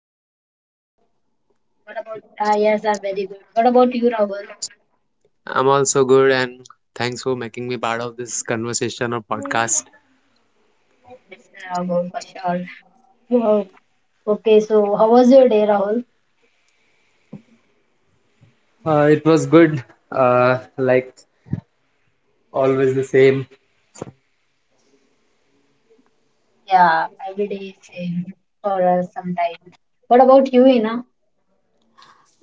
about you? What about what about? Ah yes, I'm very good. What about you, Rahul? I'm also good, and thanks for making me part of this conversation or podcast. Yes, good for sure. Wow. Okay, so how was your day, Rahul? It was good. Like always, the same. Yeah, every day is same for us sometimes. What about you, Ina?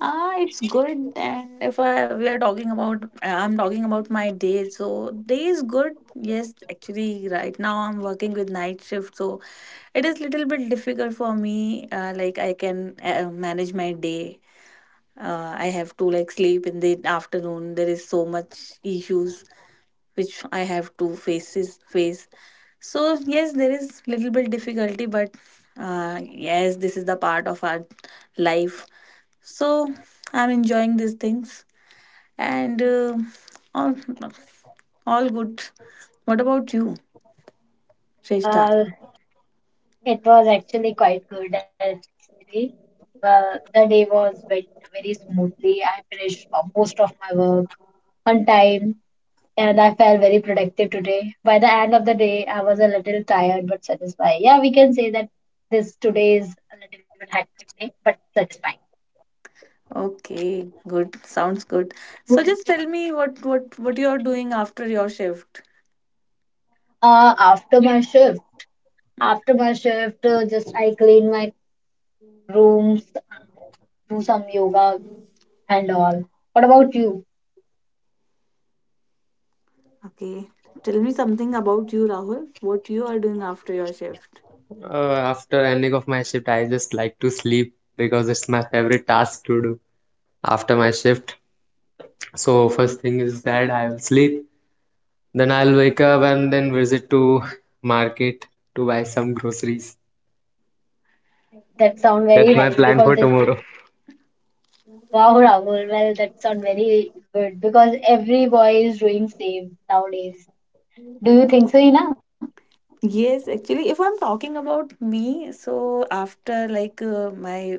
Ah, it's good. And if I, we are talking about, I'm talking about my day. So day is good. Yes, actually, right now I'm working with night shift, so it is little bit difficult for me. Like I can manage my day. I have to like sleep in the afternoon. There is so much issues which I have to face. So yes, there is little bit difficulty, but yes, this is the part of our life. So I'm enjoying these things. And all all good. What about you, Shrestha? Uh, it was actually quite good actually. The day was went very smoothly. I finished most of my work on time and I felt very productive today. By the end of the day, I was a little tired but satisfied. Yeah, we can say that this today is a little bit hectic day, but satisfying. Okay, good, sounds good. So just tell me what you are doing after your shift. After my shift, just I clean my rooms, do some yoga and all. What about you? Okay. Tell me something about you, Rahul. What you are doing after your shift? After ending of my shift, I just like to sleep because it's my favorite task to do after my shift. So first thing is that I will sleep. Then I'll wake up and then visit to market to buy some groceries. That sound That's very my nice plan because for it's tomorrow. wow, Rahul. Well, that sound very good because every boy is doing same nowadays. Do you think so, Ina? Yes, actually, if I'm talking about me, so after like my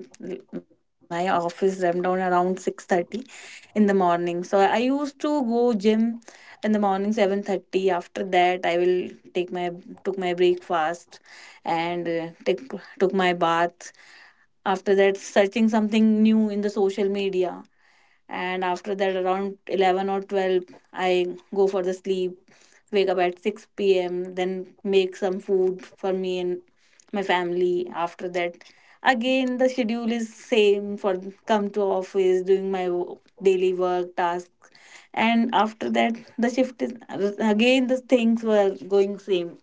my office ramped down around 6:30 in the morning. So I used to go gym in the morning 7:30. After that, I will take my took my breakfast and take took my bath. After that, searching something new in the social media, and after that around 11 or 12 I go for the sleep, wake up at 6 p.m., then make some food for me and my family. After that, again the schedule is same for come to office, doing my daily work tasks, and after that the shift is again, the things were going same,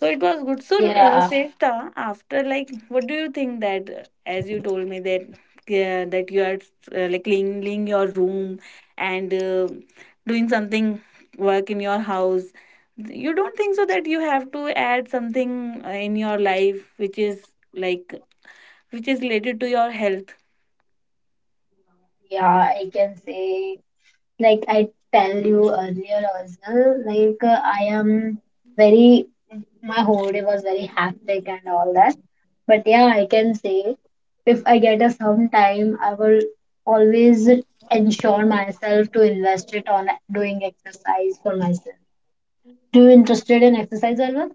so it was good. So, Yeah. Shrestha, after like, what do you think that as you told me that that you are like cleaning your room and doing something work in your house, you don't think so that you have to add something in your life which is like which is related to your health? Yeah, I can say, like I tell you earlier also, I am very, my whole day was very hectic and all that. But yeah, I can say, if I get a some time, I will always ensure myself to invest it on doing exercise for myself. Do you interested in exercise, Alva?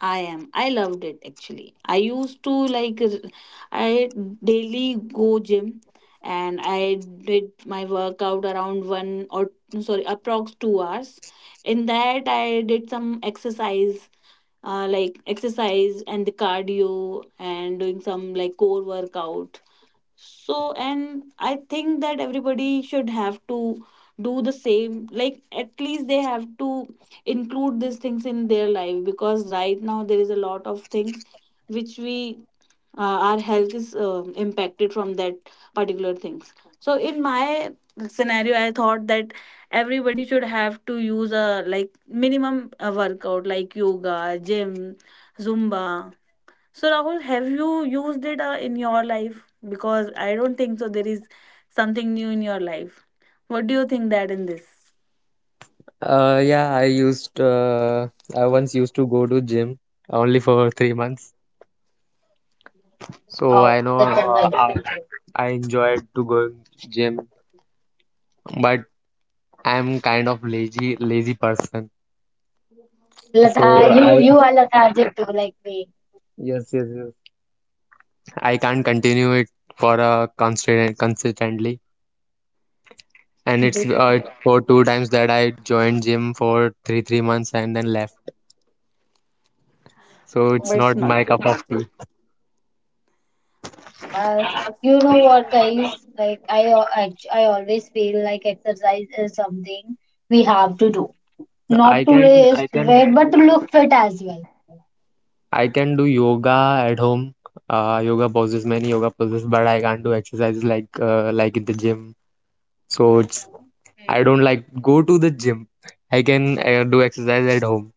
I am. I loved it actually. I used to like r- I daily go gym and I did my workout around 1 or sorry approx 2 hours. In that I did some exercise, like exercise and the cardio and doing some like core workout. So, and I think that everybody should have to do the same. Like, at least they have to include these things in their life, because right now there is a lot of things which we, uh, our health is impacted from that particular things. So, in my scenario, I thought that everybody should have to use a like minimum workout like yoga, gym, Zumba. So Rahul, have you used it in your life? Because I don't think so. There is something new in your life. What do you think that in this? Yeah, I once used to go to gym only for 3 months, Wow, so I know that's so uh, nice. I, I enjoyed to go gym, but I'm kind of lazy person, so Latha, you I you are lethargic too, like me. yes, yes, yes, I can't continue it for a constant consistently, and it's but, uh, it's for two times that I joined gym for three months and then left, so it's but it's not not my good. cup of tea. But you know what, guys? Like I always feel like exercise is something have to do, I not to can lose I can weight, but to look fit as well. I can do yoga at home. Yoga poses, many yoga poses, but I can't do exercises like in the gym. So it's Hmm. I don't like go to the gym. I can do exercise at home.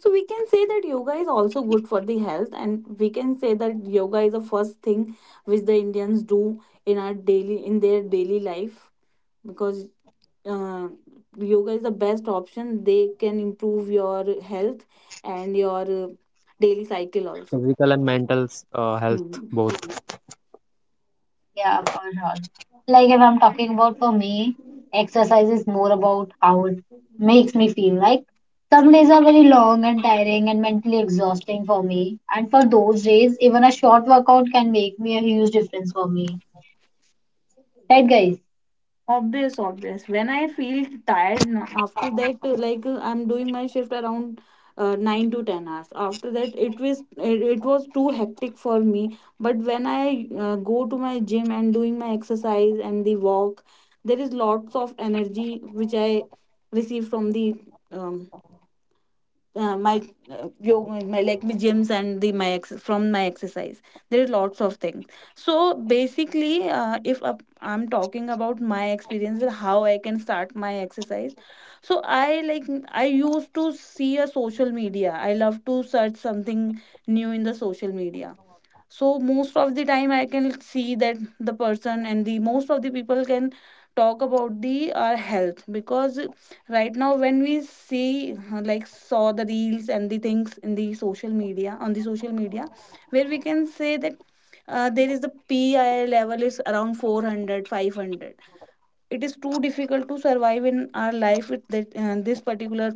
So we can say that yoga is also good for the health, and we can say that yoga is the first thing which the Indians do in their daily life, because uh, yoga is the best option. They can improve your health and your daily cycle also. Physical and mental health both. Yeah, for sure. Like if I'm talking about for me, exercise is more about how it makes me feel. Like some days are very long and tiring and mentally exhausting for me, and for those days, even a short workout can make me a huge difference for me. Right, guys? Obvious, obvious. When I feel tired after that, I'm doing my shift around 9 to 10 hours. After that, it was too hectic for me. But when I go to my gym and doing my exercise and the walk, there is lots of energy which I receive from the um, my yoga, my like my gyms and the from my exercise. There is lots of things. So basically, if I'm talking about my experience and how I can start my exercise. So I like, I used to see a social media, I love to search something new in the social media. So most of the time I can see that the person and the most of the people can talk about the health, because right now when we see like saw the reels and the things in the social media on the social media, where we can say that there is the pi level is around 400 500. It is too difficult to survive in our life with that, this particular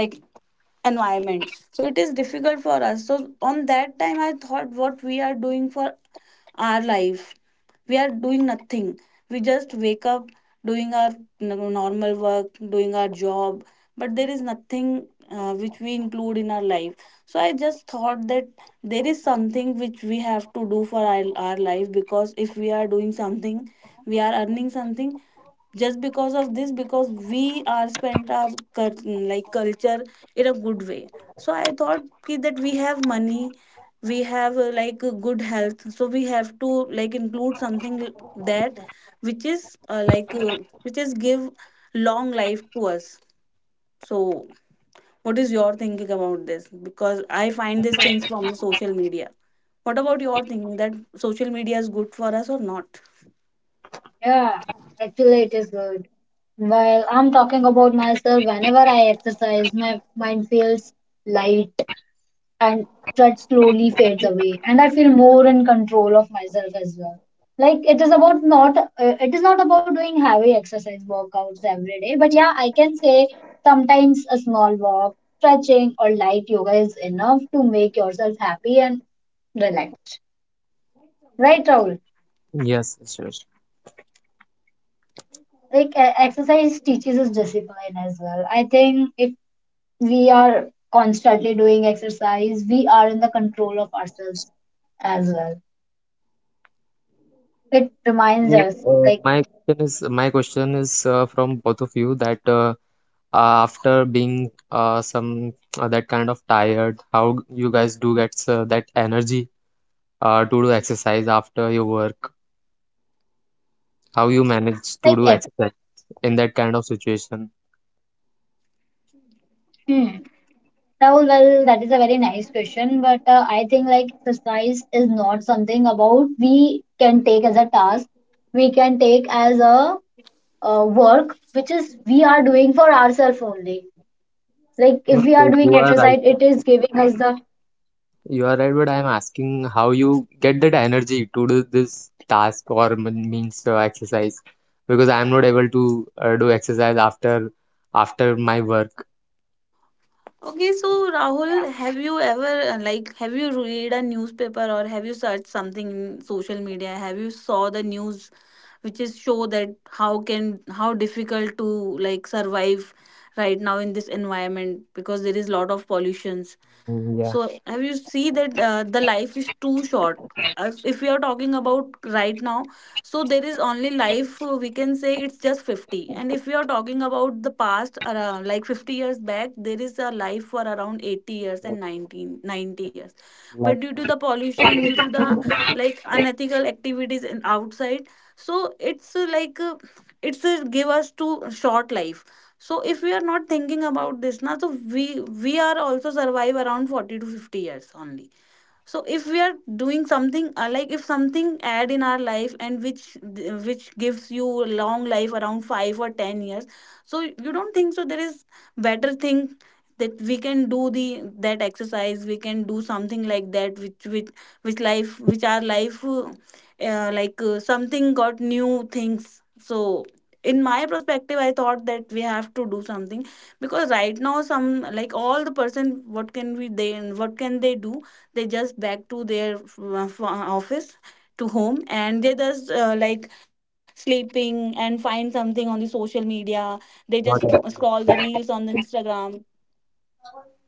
like environment. So it is difficult for us. So on that time I thought, what we are doing for our life? We are doing nothing. We just wake up, doing our normal work, doing our job, but there is nothing which we include in our life. So I just thought that there is something which we have to do for our life, because if we are doing something, we are earning something, just because of this, because we are spent our like culture in a good way. So I thought ki that we have money, we have like a good health, so we have to like include something that which is uh, like uh, which is give long life to us. So what is your thinking about this? Because I find these things from the social media. What about your thinking that social media is good for us or not? Yeah, actually, it is good. Well, I'm talking about myself. Whenever I exercise, my mind feels light and that slowly fades away, and I feel more in control of myself as well. Like it is about not, it is not about doing heavy exercise workouts every day, but yeah, I can say sometimes a small walk, stretching, or light yoga is enough to make yourself happy and relaxed. Right, Rahul? Yes, yes, yes. Like exercise teaches us discipline as well. I think if we are constantly doing exercise, we are in the control of ourselves as well. It reminds So us, like, my question is from both of you that after being some that kind of tired, how you guys do get that energy to do exercise after your work? How you manage to do like exercise if, in that kind of situation. hmm. Rahul, well, that is a very nice question, but I think like exercise is not something about we can take as a task. We can take as a work which is we are doing for ourselves only. Like No, if we are so you doing are right. exercise, it is giving us the You are right, but I'm asking how you get that energy to do this task or m- means exercise because I'm not able to do exercise after my work. Okay, so Rahul, have you ever like have you read a newspaper or have you searched something in social media? Have you saw the news which is show that how difficult to like survive right now in this environment, because there is lot of pollutions. Mm, yeah, So have you see that the life is too short. As if we are talking about right now, so there is only life, we can say it's just 50. And if we are talking about the past, like 50 years back, there is a life for around 80 years yeah, and 1990. like But due to the pollution, due to the like unethical activities in outside, so it's give us to short life. So if we are not thinking about this na, so we are also survive around 40 to 50 years only. So if we are doing something, like if something add in our life and which gives you a long life around 5 or 10 years, so you don't think so there is better thing that we can do the, that exercise, we can do something like that which life which our life something got new things. So in my perspective I thought that we have to do something, because right now some like all the person, what can they do? They just back to their office to home, and they just like sleeping and find something on the social media. They just not scroll able. the reels on the Instagram.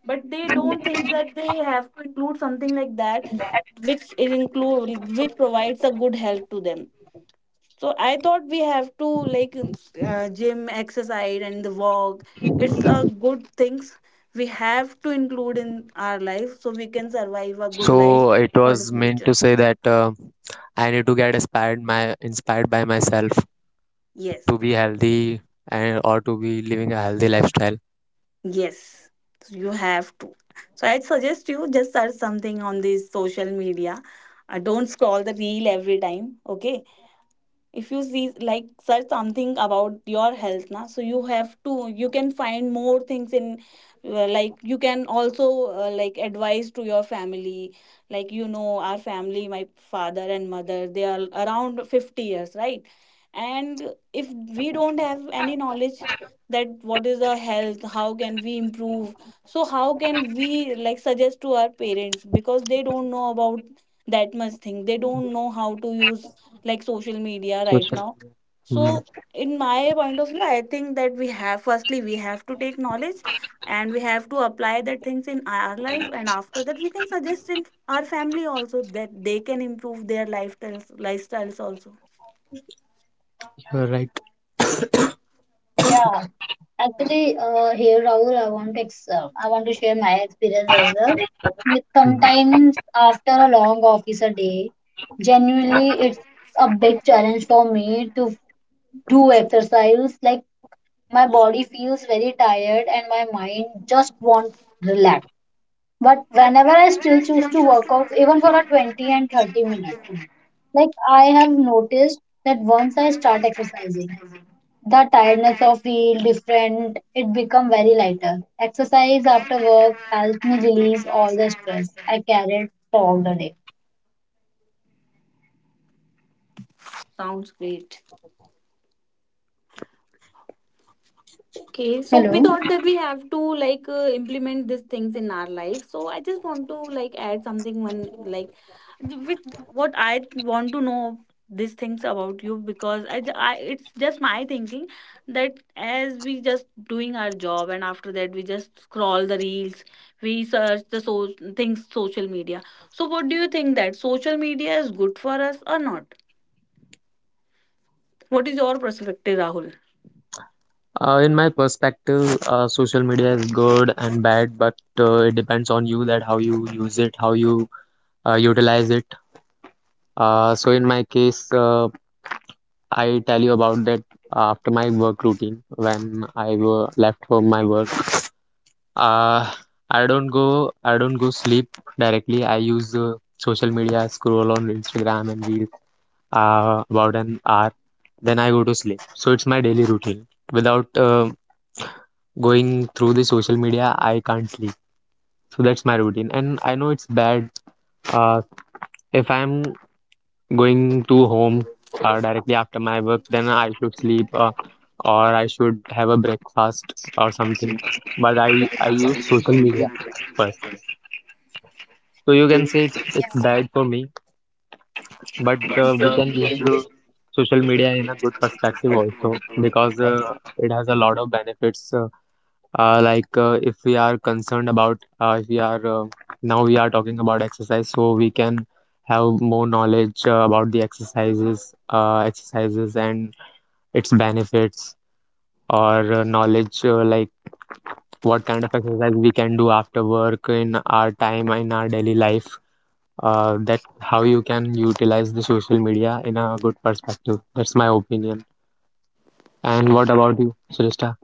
But they don't think that they have to include something like that which is include which provides a good help to them. So I thought we have to like gym, exercise, and the walk. It's a good things. We have to include in our life so we can survive a good life So it for the was meant future. to say that I need to get inspired by myself Yes, to be healthy and or to be living a healthy lifestyle. yes, you have to. So I'd suggest you just search something on this social media. Don't scroll the reel every time. Okay. If you see like search something about your health na, so you have to, you can find more things in like you can also like advise to your family. Like you know our family, my father and mother, they are around 50 years, right? And if we don't have any knowledge, that what is the health, how can we improve, so how can we like suggest to our parents, because they don't know about that much thing, they don't know how to use like social media So, right so- now. Mm, So in my point of view, I think that we have, firstly we have to take knowledge and we have to apply that things in our life, and after that we can suggest in our family also that they can improve their lifestyles also. you are right. Yeah. Actually, here Rahul, I want to share my experience as well. Mm, Mm. sometimes after a long office a day, genuinely it's a big challenge for me to do exercise. Like my body feels very tired and my mind just won't relax. But whenever I still choose to work out, even for a 20 and 30 minutes, like I have noticed that once I start exercising, the tiredness of feel different, it become very lighter. Exercise after work helps me release all the stress I carried throughout the day. Sounds great. Okay, so we Hello. thought that we have to like implement these things in our life. So I just want to like add something when like with, what I want to know these things about you, because I, ju- I it's just my thinking that as we just doing our job, and after that we just scroll the reels, we search the so things social media. So what do you think that social media is good for us or not? What is your perspective, Rahul? In my perspective, social media is good and bad, but it depends on you that how you use it, how you utilize it. So in my case, I tell you about that after my work routine when I were left from my work. Uh, I don't go sleep directly. I use social media, scroll on Instagram and Reel about an hour, then I go to sleep. So it's my daily routine without going through the social media, I can't sleep. So that's my routine. And I know it's bad. Uh, if I'm going to home directly after my work, then I should sleep or I should have a breakfast or something. But I use social media first. So you can say it's Yeah. bad for me, but we but can use the social media in a good perspective also um, because so, it has a lot of benefits, like if we are concerned about if we are now we are talking about exercise, so we can have more knowledge about the exercises and its benefits or knowledge like what kind of exercise we can do after work in our time in our daily life. That's how you can utilize the social media in a good perspective. That's my opinion. And what about you, Shrestha,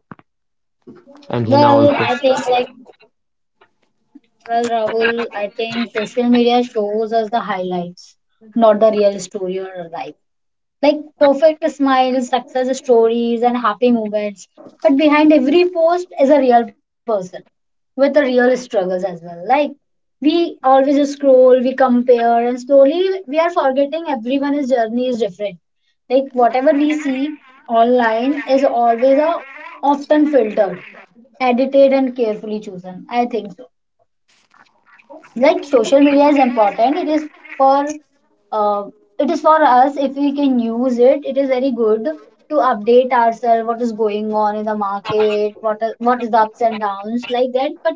and Hina also? Well, I think like well, Rahul, I think social media shows us the highlights, not the real story or life, like perfect smiles, success stories, and happy moments. But behind every post is a real person with the real struggles as well. Like we always just scroll, we compare, and slowly we are forgetting everyone's journey different. Like whatever we see online is always a often filtered, edited, and carefully chosen. I think so like social media is important, for uh, it is for us if we can use it, it is very good to update ourselves what is going on in the market, what is the ups and downs like that. But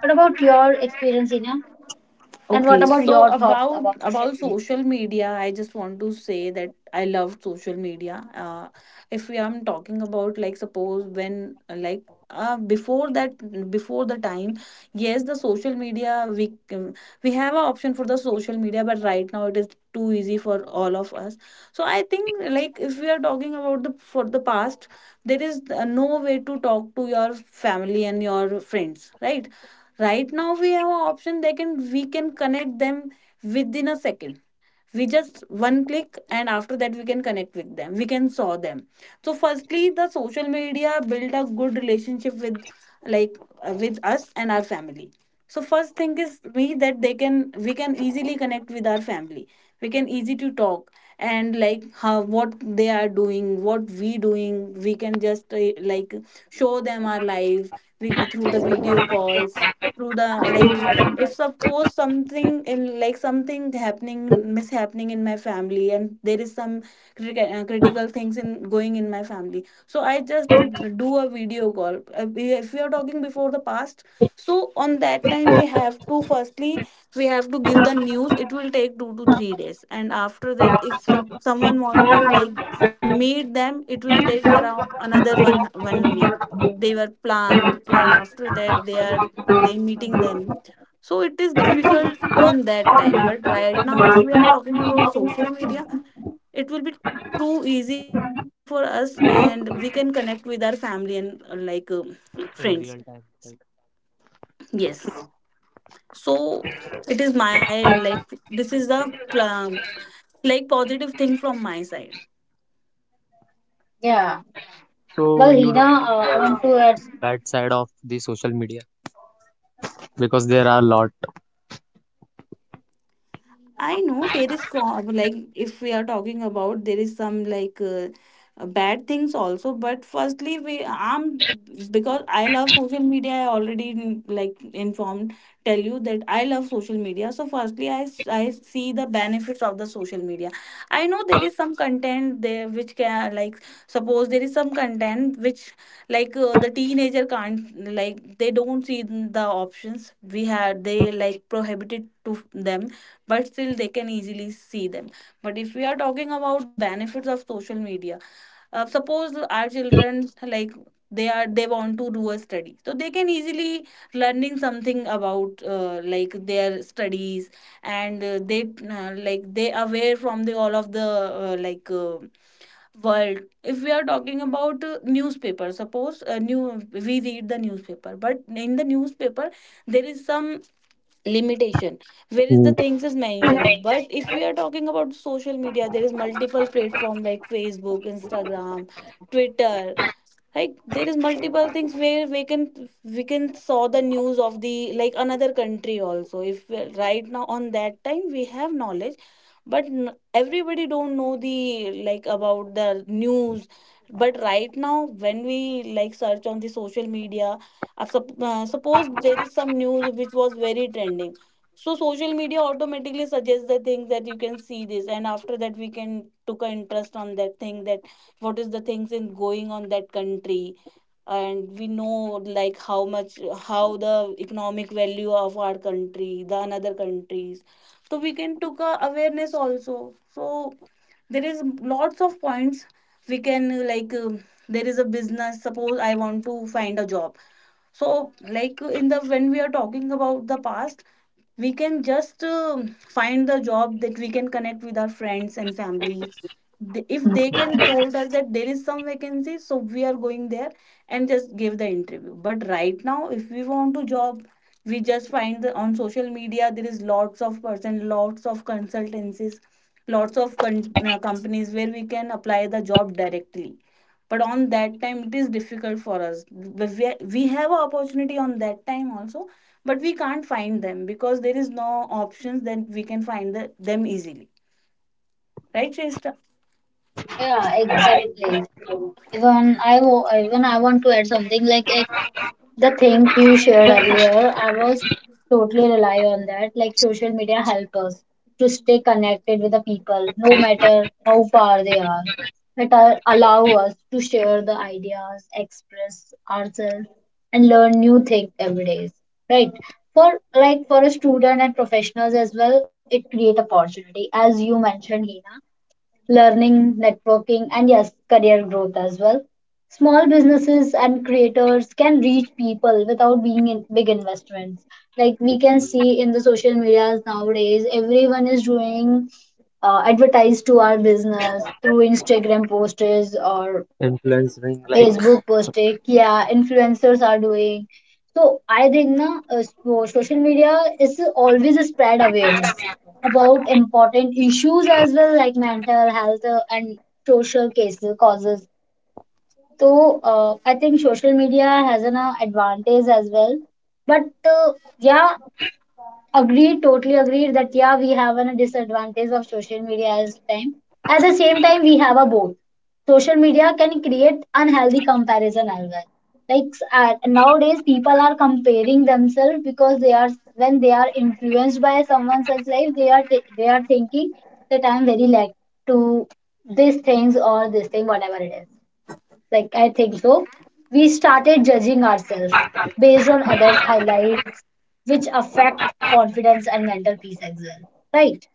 what about your experience, Hina, and what Okay, about so your thoughts about about social media? social media, I just want to say that I love social media. If we are talking about like suppose when before that, before the time, yes, the social media we have an option for the social media, but right now it is too easy for all of us. So I think, like, if we are talking about the for the past, there is no way to talk to your family and your friends, right? Right now we have an option, they can we can connect them within a second. We just one click and after that we can connect with them, we can saw them. So firstly the social media build a good relationship with like with us and our family. So first thing is we that they can we can easily connect with our family, we can easy to talk. And like how what they are doing, what we doing, we can just show them our life, we, through the video calls, through the like, if suppose something in like something happening, mishappening in my family and there is some critical things in going in my family, so I just do a video call. If we are talking before the past, so on that time we have to firstly we have to give the news. It will take 2 to 3 days, and after that, if someone want to like meet them, it will take around another one week. They were planned, and after that they are they meeting them. So it is difficult on that time. But right now, if we are talking about social media, it will be too easy for us, and we can connect with our family and friends. In real time type. Yes. So it is my like this is the um, like positive thing from my side. Yeah, So well you Hina, don't think there I is want to add, bad side of the social media because there are a lot I know there is like if we are talking about there is some like bad things also, but firstly we I'm, because I love social media, I already like informed tell you that I love social media. So firstly I see the benefits of the social media. I know there is some content there which can like, suppose there is some content which like the teenager can't like, they don't see the options we had, they like prohibited to them, but still they can easily see them. But if we are talking about the benefits of social media, suppose our children like they are they want to do a study, so they can easily learning something about like their studies. And they like they aware from the all of the uh, like uh, world. If we are talking about newspaper, suppose new we read the newspaper, but in the newspaper there is some limitation where is the who things is mentioned. But if we are talking about social media, there is multiple platform like Facebook, Instagram, Twitter, like there is multiple things where we can saw the news of the like another country also. If we- Right now on that time we have knowledge, but everybody don't know the like about the news, but right now when we like search on the social media, suppose there is some news which was very trending, so social media automatically suggests the things that you can see this, and after that we can took an interest on that thing that what is the things in going on that country. And we know like how much how the economic value of our country the another countries, so we can took a awareness also. So there is lots of points, we can there is a business, suppose I want to find a job. So like in the when we are talking about the past, we can just find the job that we can connect with our friends and families. If they can told us that there is some vacancy, so we are going there and just give the interview. But right now if we want to job, we just find the, on social media there is lots of person, lots of consultancies, companies where we can apply the job directly. But on that time it is difficult for us. But we have a opportunity on that time also, but we can't find them because there is no options that we can find the, them easily, right, Shrestha? yeah exactly, even I want to add something like the thing you shared earlier, I was totally rely on that. Like social media help us to stay connected with the people, no matter how far they are. Allow us to share the ideas, express ourselves, and learn new things every day. Right? For like for a student and professionals as well, it create opportunity, as you mentioned, Hina, learning, networking, and yes, career growth as well. Small businesses and creators can reach people without being in big investments. Like we can see in the social medias nowadays, everyone is doing advertise to our business through Instagram posters or influencing, like, Facebook posting, yeah, influencers are doing. So I think na, social media is always a spread awareness about important issues as well, like mental health and social cases causes. So I think social media has an advantage as well, but uh, yeah, agreed, totally agreed that yeah, we have a disadvantage of social media as time. At the same time, we have a both. Social media can create unhealthy comparison as well. Nowadays, people are comparing themselves because they are when they are influenced by someone else's life, they are thinking that I'm very like to these things or this thing, whatever it is, like I think so, we started judging ourselves based on others' highlights, which affect confidence and mental peace as well. Right?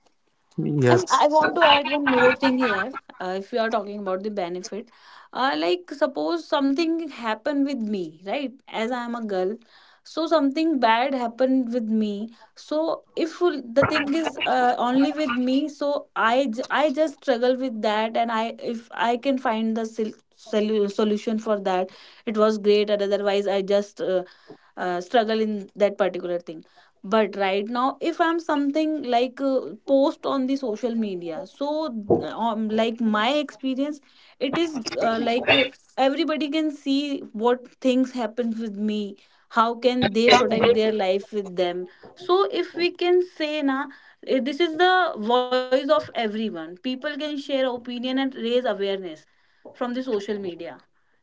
And yes, I want to add one more thing here. If you are talking about the benefit, like suppose something happened with me, right? As I am a girl, so something bad happened with me. So if the thing is only with me, so I just struggle with that, and I if I can find the solution for that, it was great. And otherwise, I just struggle in that particular thing. But right now, if I'm something like post on the social media, so like my experience, it is everybody can see what things happen with me, how can they protect their life with them. So if we can say na, eh, this is the voice of everyone, people can share opinion and raise awareness from the social media.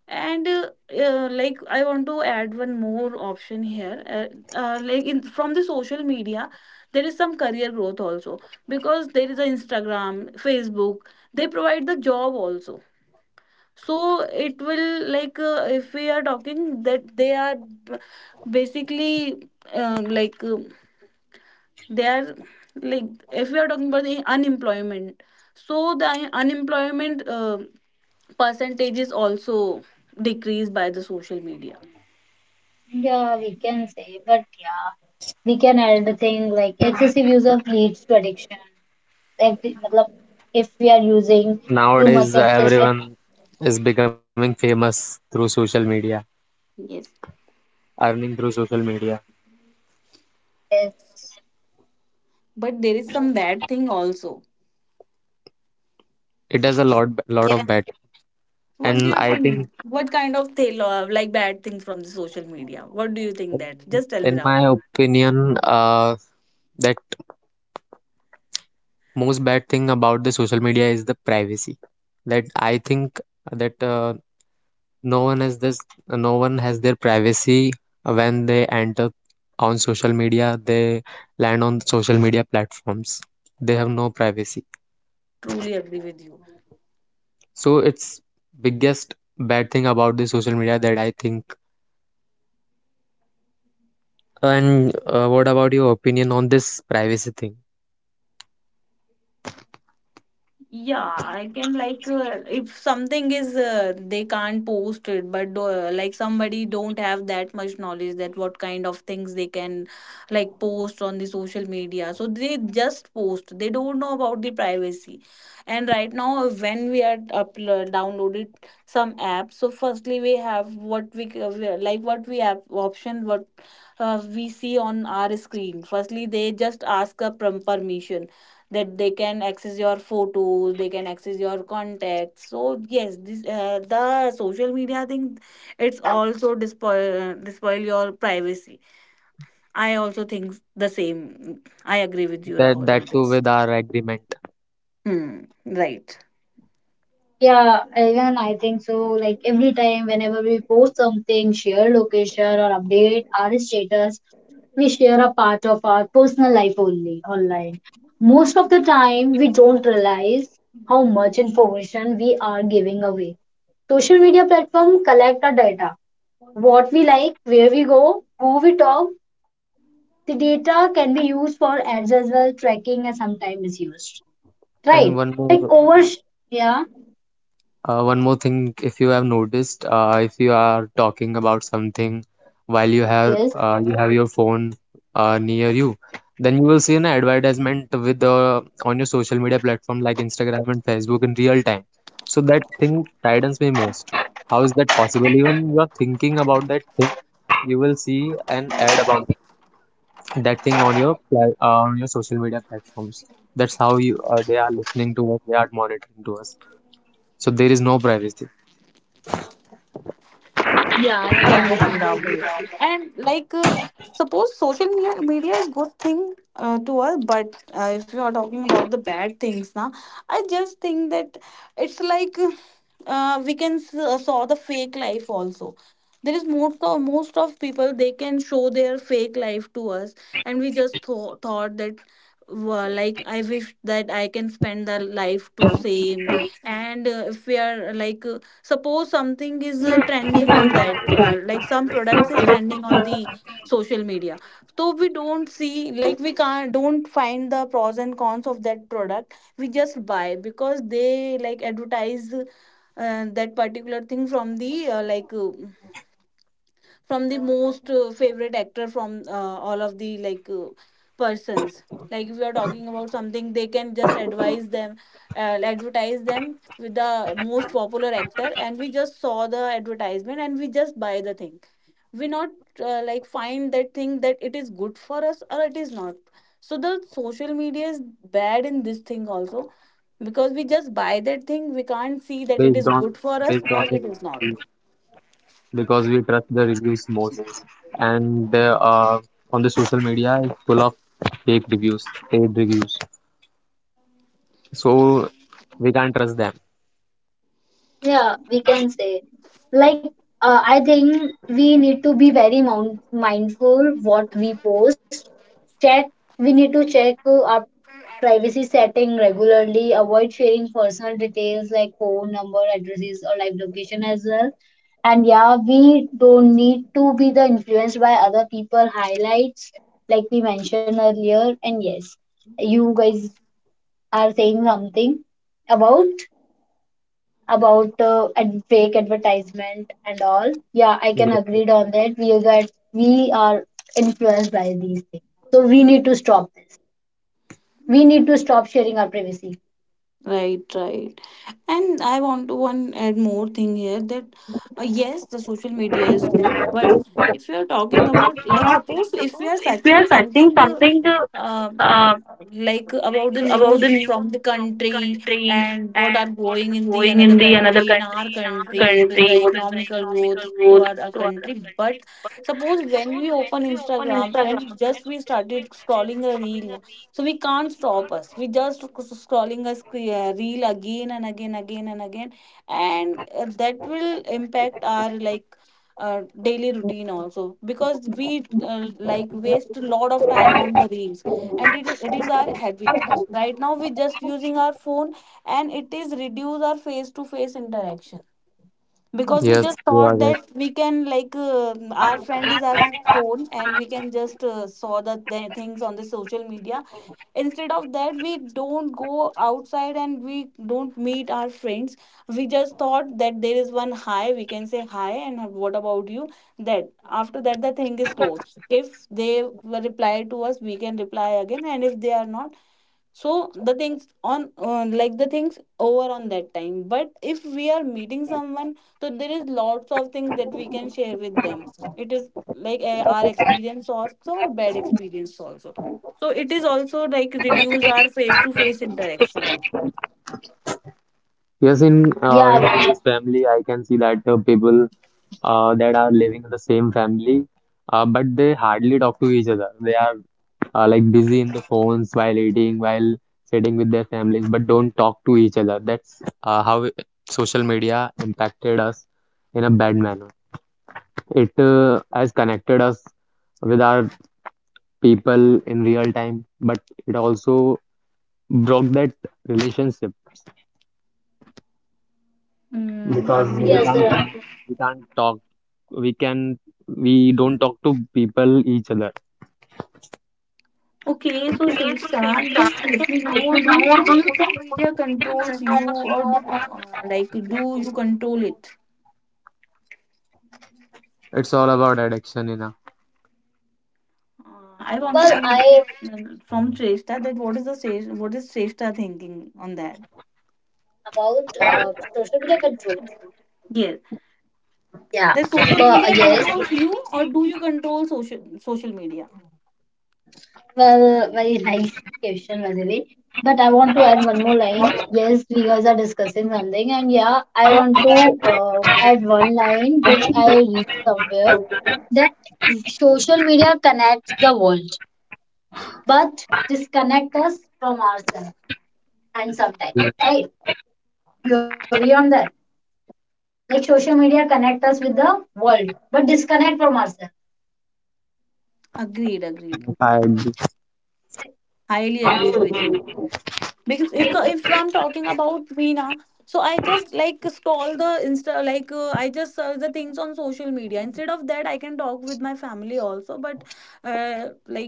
And like I want to add one more option here. Like in from the social media, there is some career growth also, because there is a Instagram, Facebook. They provide the job also. So it will like if we are talking that they are basically um, like. um they are like if we are talking about the unemployment, so the unemployment percentage is also decreased by the social media. Yeah, we can say, but yeah, we can add the thing like excessive use of leads to addiction. Like, मतलब, if we are using too much nowadays of social everyone is becoming famous through social media, Yes, earning through social media. media. but there is some bad thing also. It does a lot of bad. What do And you I think, think, what kind of thing like bad things from the social media, what do you think, in, that just tell in me now. my opinion, that most bad thing about the social media is the privacy. That I think, that no one has this no one has their privacy. When they enter on social media, they land on social media platforms, they have no privacy. Truly agree with you. So it's biggest bad thing about the social media, that I think. And what about your opinion on this privacy thing? Yeah, I can like if something is they can't post it, but like somebody don't have that much knowledge that what kind of things they can like post on the social media. So they just post. They don't know about the privacy. And right now, when we are upload downloaded some apps, so firstly we have what we c- we are- like what we have option what we see on our screen. Firstly, they just ask a permission that they can access your photos, they can access your contacts. So yes, this the social media thing, it's also despoil your privacy. I also think the same. I agree with you, That, Rahul, that in too, this. with our agreement. hmm, right. Yeah, even I think so. Like every time, whenever we post something, share location or update our status, we share a part of our personal life only online. Most of the time, we don't realize how much information we are giving away. Social media platform collect our data. What we like, where we go, who we talk. The data can be used for ads as well, tracking and sometimes misused. And Right? Like over yeah, one more thing, if you have noticed, if you are talking about something while yes. You have your phone near you, then you will see an advertisement with on your social media platform like Instagram and Facebook in real time. So that thing saddens me most. How is that possible? Even you are thinking about that thing, you will see an ad about that thing on your on your social media platforms. That's how you they are listening to us. They are monitoring to us. So there is no privacy. And like suppose social media is good thing to us, but if you are talking about the bad things now, I just think that it's like saw the fake life also. There is most of people they can show their fake life to us, and we just thought that, well, like I wish that I can spend the life to same. And if we are like suppose something is trending on that like some products is trending on the social media. So we don't see like we can't don't find the pros and cons of that product. We just buy because they like advertise that particular thing from the from the most favorite actor, from all of the persons. Like if you are talking about something, they can just advise them advertise them with the most popular actor, and we just saw the advertisement and we just buy the thing. We not like find that thing that it is good for us or it is not. So the social media is bad in this thing also, because we just buy that thing, we can't see that it based is on good for us based or on the it is reviews, not. because we trust the reviews most. And on the social media is full of fake reviews, paid reviews. So we can't trust them. Yeah, we can say. Like, I think we need to be very mindful what we post. Check, we need to check our privacy setting regularly. Avoid sharing personal details like phone number, addresses, or live location as well. And yeah, we don't need to be the influenced by other people highlights like we mentioned earlier. And yes, you guys are saying something about fake advertisement and all. Yeah, I Yes, can yes. agree on that. We are influenced by these things, so we need to stop this. We need to stop sharing our privacy. Right, right. And I want to one add more thing here that yes, the social media is good, but if you are talking about, like, suppose if we Suppose are if we searching are searching something something, um uh, like about the like about the news news from the from the country country and what are and what going is in the going in another the another country, in country, our in our country what is country, the what is the economical growth economical to growth our to other country. But country. But suppose when suppose we when open we open Instagram and Instagram and just we just we started started scrolling a scrolling a reel, reel, so we so can't we stop can't. us, we just scrolling a reel again and again, again and again. And that will impact our, like, daily routine also, because we, like, waste a lot of time on the reels. And it is our habit right now, we just using our phone. And it is reduce our face to face interaction, because we Yes, just you are thought right. that we can, like, our friend is our phone and we can just saw the things on the social media. Instead of that, we don't go outside and we don't meet our friends. We just thought that there is one hi, we can say hi and what about you, that after that the thing is closed. If they will reply to us, we can reply again, and if they are not, so the things on, like, the things over on that time. But if we are meeting someone, so there is lots of things that we can share with them. It is, like, our experience also, or bad experience also. So it is also, like, reduce our face to face interaction. Yes, in Yeah, my family, I can see that people that are living in the same family, but they hardly talk to each other. They are like busy in the phones while eating, while sitting with their families, but don't talk to each other. That's how social media impacted us in a bad manner. It has connected us with our people in real time, but it also broke that relationship Mm, because agree, we yes. Can't, Rahul, agree. we can't talk. We can, we don't talk to people each other. Okay, so Place is Shrishta, very sharp. just You let me Just let know, me do you know. Or do think you think social media it controls you controls or you? do not, like, do you control it? It's all about addiction. Uh, I want to know Well, more, I uh, from Shrestha, that what is the what is Shrestha thinking on that? about social media control. Yes, Yeah, that social but uh, media yes, controls you, or do you control social media? well, very nice question, Vasili. But I want to add one more line. Yes, we guys are discussing something, and yeah, I want to add one line which I read somewhere that social media connects the world, but disconnect us from ourselves. And sometimes, right? You agree on that? Like social media connect us with the world, but disconnect from ourselves. Agreed, agreed. Highly agreed with you. Because if I'm talking about me now, so I just, like, scroll the Insta, like, I just search the things on social media. Instead of that, I can talk with my family also. But like,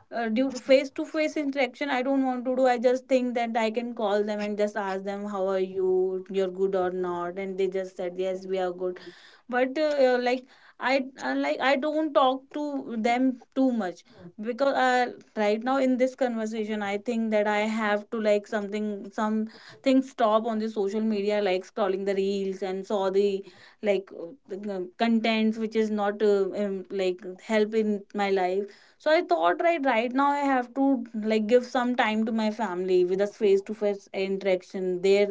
due face to face interaction, I don't want to do. I just think that I can call them and just ask them how are you, you're good or not, and they just said yes, we are good. But like, I, like, I don't talk to them too much, because right now in this conversation I think that I have to, like, something, some things stop on the social media, like scrolling the reels and saw the, like, the contents which is not like help in my life. So I thought right, right now I have to, like, give some time to my family with a face to face interaction there.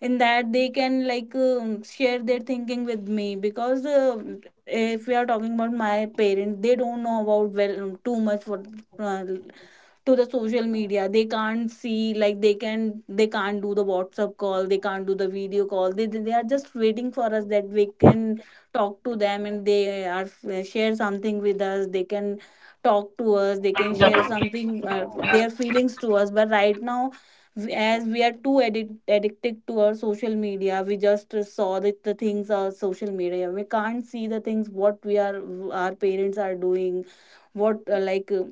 In that, they can, like, share their thinking with me. Because if we are talking about my parents, they don't know about well too much what uh, to the social media, they can't see, like, they can, they can't do the WhatsApp call, they can't do the video call. They are just waiting for us that we can talk to them, and they are, share something with us. They can talk to us, they can share something, their feelings to us. But right now, as we are too addicted to our social media, we just saw the things on social media. We can't see the things what we are, our parents are doing, what, uh, like uh,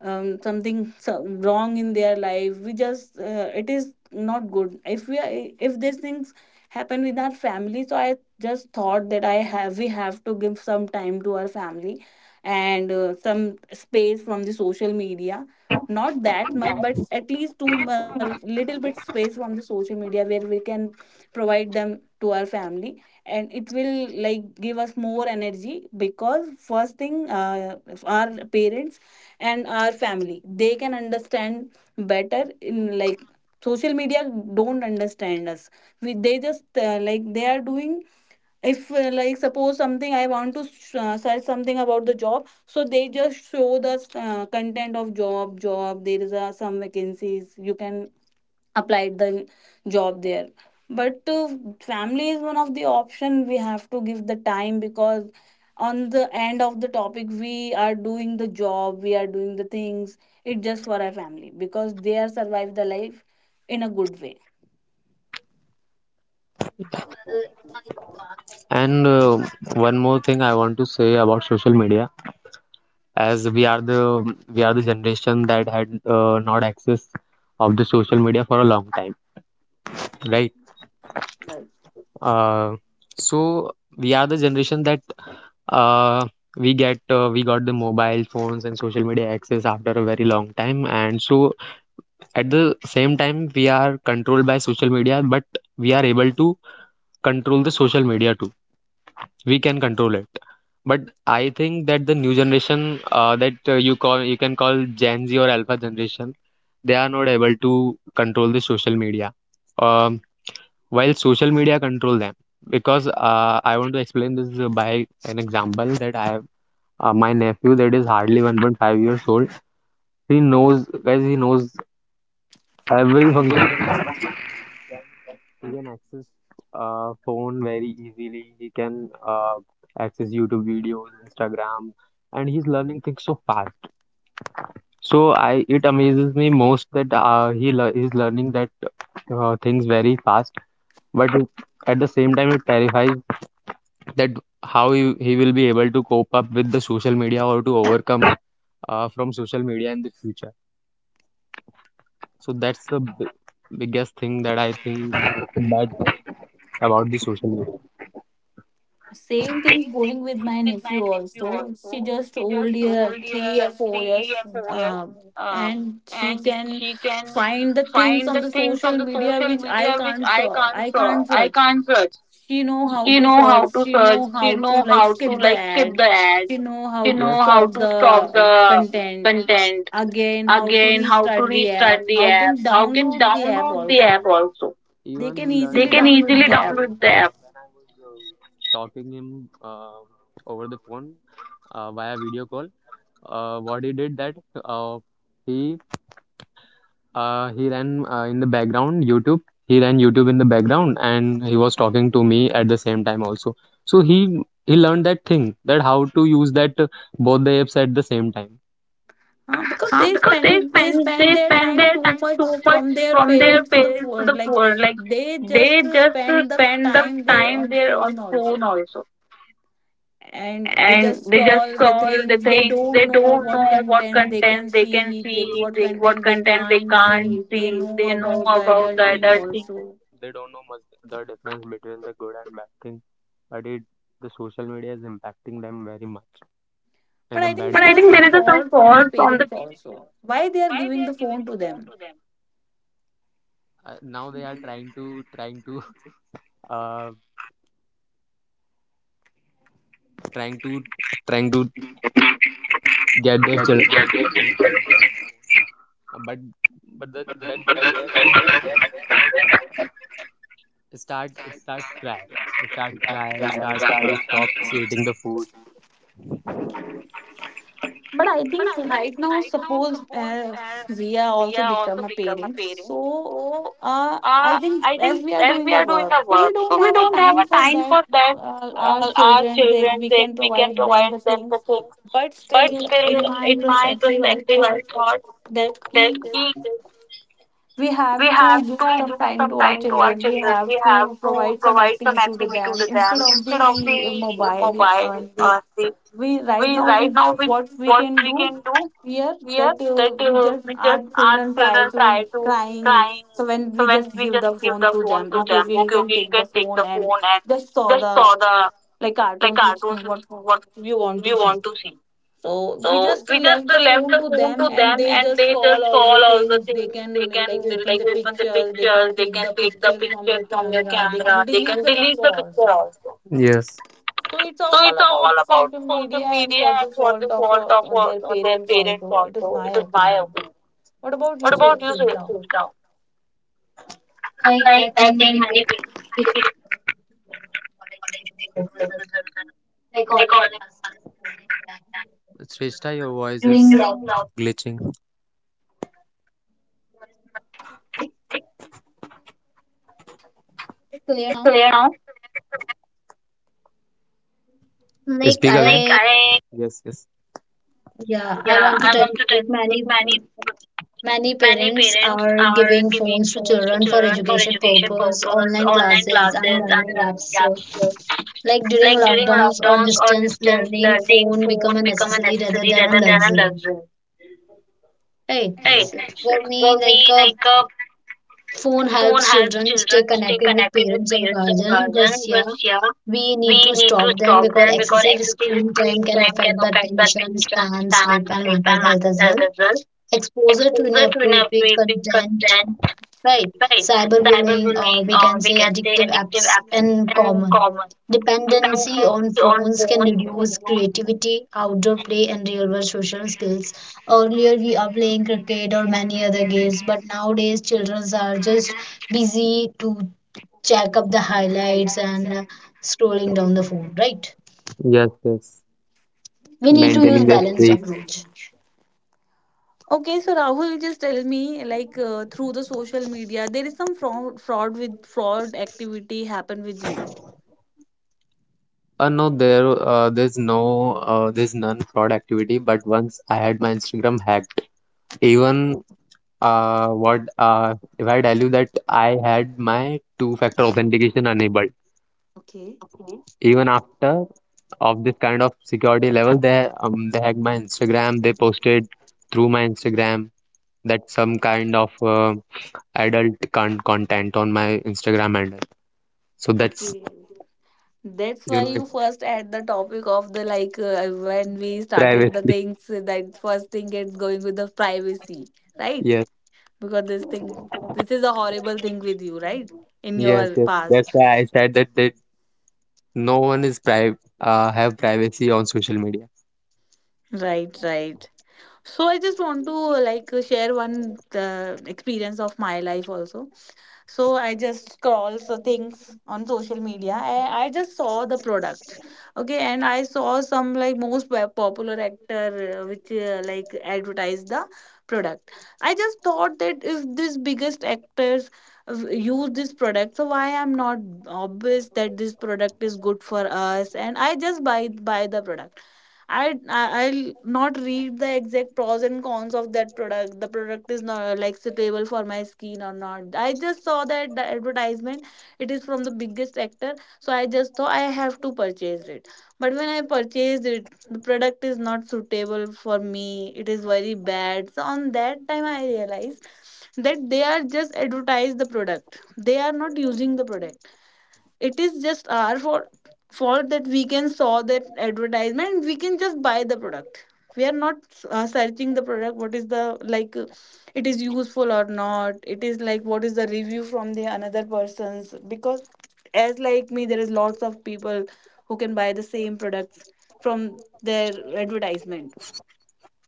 um, something so wrong in their life. We just, it is not good. If we are, If these things happen with our family, so I just thought that I have we have to give some time to our family, and some space from the social media. Not that much, but at least two little bit space from the social media, where we can provide them to our family. And it will, like, give us more energy. Because first thing, our parents and our family, they can understand better in, like, social media don't understand us. They just, like, they are doing, if, like, suppose something I want to search something about the job, so they just show the content of job, job, there is a, some vacancies you can applied the job there. But family is one of the option, we have to give the time, because on the end of the topic, we are doing the job, we are doing the things. It just for our family, because they are survive the life in a good way. Well, And one more thing I want to say about social media, as we are the generation that had not access of the social media for a long time, right? Uh, so we are the generation that uh, we got the mobile phones and social media access after a very long time, and so at the same time we are controlled by social media, but we are able to control the social media too, we can control it. But I think that the new generation, that you can call gen Z or alpha generation, they are not able to control the social media, um, while social media control them. Because I want to explain this by an example that I have. My nephew that is hardly 1.5 years old, he knows, guys, he knows every function. He can access phone very easily. He can access YouTube videos, Instagram, and he's learning things so fast. So I It amazes me most that he's learning that things very fast. But at the same time, it terrifies that how he will be able to cope up with the social media or to overcome from social media in the future. So that's the b biggest thing that I think bad about the social media. Same Same things going thing with my with nephew my nephew also, she also. just She just old old year, year, three or four three or years four years, uh, and she and can she can find the things find on the the things on social the media social which I media which can't I search, can't I search. can't I search. can't search. She know how She to know search, how to she search. know how She to, know like, how to skip the like skip ad. the ads. She know how She to know, yes, how stop to the stop the content, content, again how to again how to restart the app, restart the how app, can how can download the app download the also. app also. They Even can he learned. They easily can easily download the app. download the app. When I was talking him over the phone via video call, what he did that uh, he he ran in the background YouTube. He ran YouTube in the background, and he was talking to me at the same time also. So he learned that thing, that how to use that both the apps at the same time. Huh? Because Because they they spend spend they their spend time their too time much too much from their from their parents to the parents to phone. the Like, poor. Like they they just just spend spend the the time time there there on on phone phone also, also, and and they they just just scroll scroll the the things. things. They They don't don't know know what what content content they they can can see, see, what what content content they they can't can't see. see. They They know know about about the the other do adult things. thing They also. don't know much the difference between the good and bad thing, but it the social media is impacting them very much, and a bad. But But I I think think there there is is a a some some fault fault from from the the parents parents also. also, why Why they they are are giving giving the the phone phone to to them? them. Now they are trying to trying to uh trying to trying to get their children to Yeah, yeah, yeah. Yeah, phone. But the bad yeah, boys there yeah, is that start yeah. It start cry, I start understand. Stop eating the food. But I But think I think right now, right now, suppose, suppose we are we also are also become a become a parents. parent. So So uh, I I think as think we are as doing we are our doing work, our so work, we so we don't have don't a have a time time for for that, that. Our Our children children, that that we we can can provide provide them them the the things. things. But But still, still, in in my my perspective, perspective I I thought thought that that key we we have have to to give give some some time time to to our our children. children. We We have have to to provide provide some some activity activity to to them them instead instead of of the the mobile mobile. On the, The, we we right right now now we we what what we we can can do do Yes, here, that that we we just just, our our children children try try to to crying. crying. So So when when we we just just give give the the phone phone to to them, them, okay, okay, okay, okay, you you can can take take the the phone phone and and just just saw saw the, the like, like cartoons cartoons which which what what we you want want to to see. see. So So we we just just left left the the phone phone to to them, them and and they they just just saw call all all the the things. things. They They can can, like, like open open the the pictures. pictures, they They can can take take the the picture pictures from from your your camera. camera, they They can can delete delete the the picture picture also. also. Yes, so So it's it's all all about about the social social media, media and and for for the the fault fault of of their their parents parents also. also. It It is is my my opinion. opinion. What What about about you, you, Sujata? Sunita? Like I think many people actually college. It fake. They call it Shrestha, your voice is during lockdown. Glitching. It's clear now. Speak again. Like yes, yes. yeah, I want to tell you, like Think many man, parents are giving phones to children for education purpose, online classes and learning apps. So, like during like lockdowns or lockdown, distance distance learning, learning, phone become phone a become a necessity rather necessary than a rather than a luxury. luxury. Right. Right. So for me, like a phone Phone helps helps children stay children stay connected with connected with parents or parents and guardian, but guardians, yeah, but yeah, we need we to need to stop them stop because them because excessive excessive screen time screen can time can affect the affect their attention attention, span, span, sleep, and sleep, mental and health mental as health well. as well. Exposure to Exposure to inappropriate inappropriate content, content, right? right? Cyberbullying, or Cyberbullying, we or can we say can say addictive addictive apps, apps and and common. common. Dependency on Dependency on phones can phones, reduce videos, creativity, outdoor play, and real world social skills. Earlier, we are playing cricket or many other games, but nowadays, children are just busy to check up the highlights and scrolling down the phone, right? yes, yes. We need to Maintaining use the balanced streak. approach. Okay, so Rahul, just tell me, like, through the social media, there is some fraud activity happen with you. No, there's there's none fraud activity. But once I had my Instagram hacked, even if I tell you that I had my two-factor authentication enabled, Okay. okay. Even after of this kind of security level, they hacked my Instagram. They posted through my Instagram that some kind of adult content on my Instagram handle. So that's Okay, that's you why know you it's first add the topic of the, like, when we started the privacy. things, that first thing it's going with the privacy, right? Yes, Because this thing, this is a horrible thing with you, right? In yes, your yes. That's past, why I said that no one is private have privacy on social media. right, right. So I just want to, like, share one experience of my life also. So I just scroll so things on social media. I just saw the product, okay, and I saw some, like, most popular actor, which, like, advertised the product. I just thought that if this biggest actors, use this product, so why I'm not, obvious that this product is good for us. And I just buy the product. I I'll not read the exact pros and cons of that product, the product is not, like, suitable for my skin or not. I just saw that the advertisement, it is from the biggest actor, so I just thought I have to purchase it. But when I purchased it, the product is not suitable for me, it is very bad. So on that time, I realized that they are just advertise the product, they are not using the product. It is just our fault, fault that we can saw that advertisement, we can just buy the product. We are not searching the product, what is the, like, it is useful or not, it is like what is the review from the another person's. Because as like me, there is lots of people who can buy the same products from their advertisement.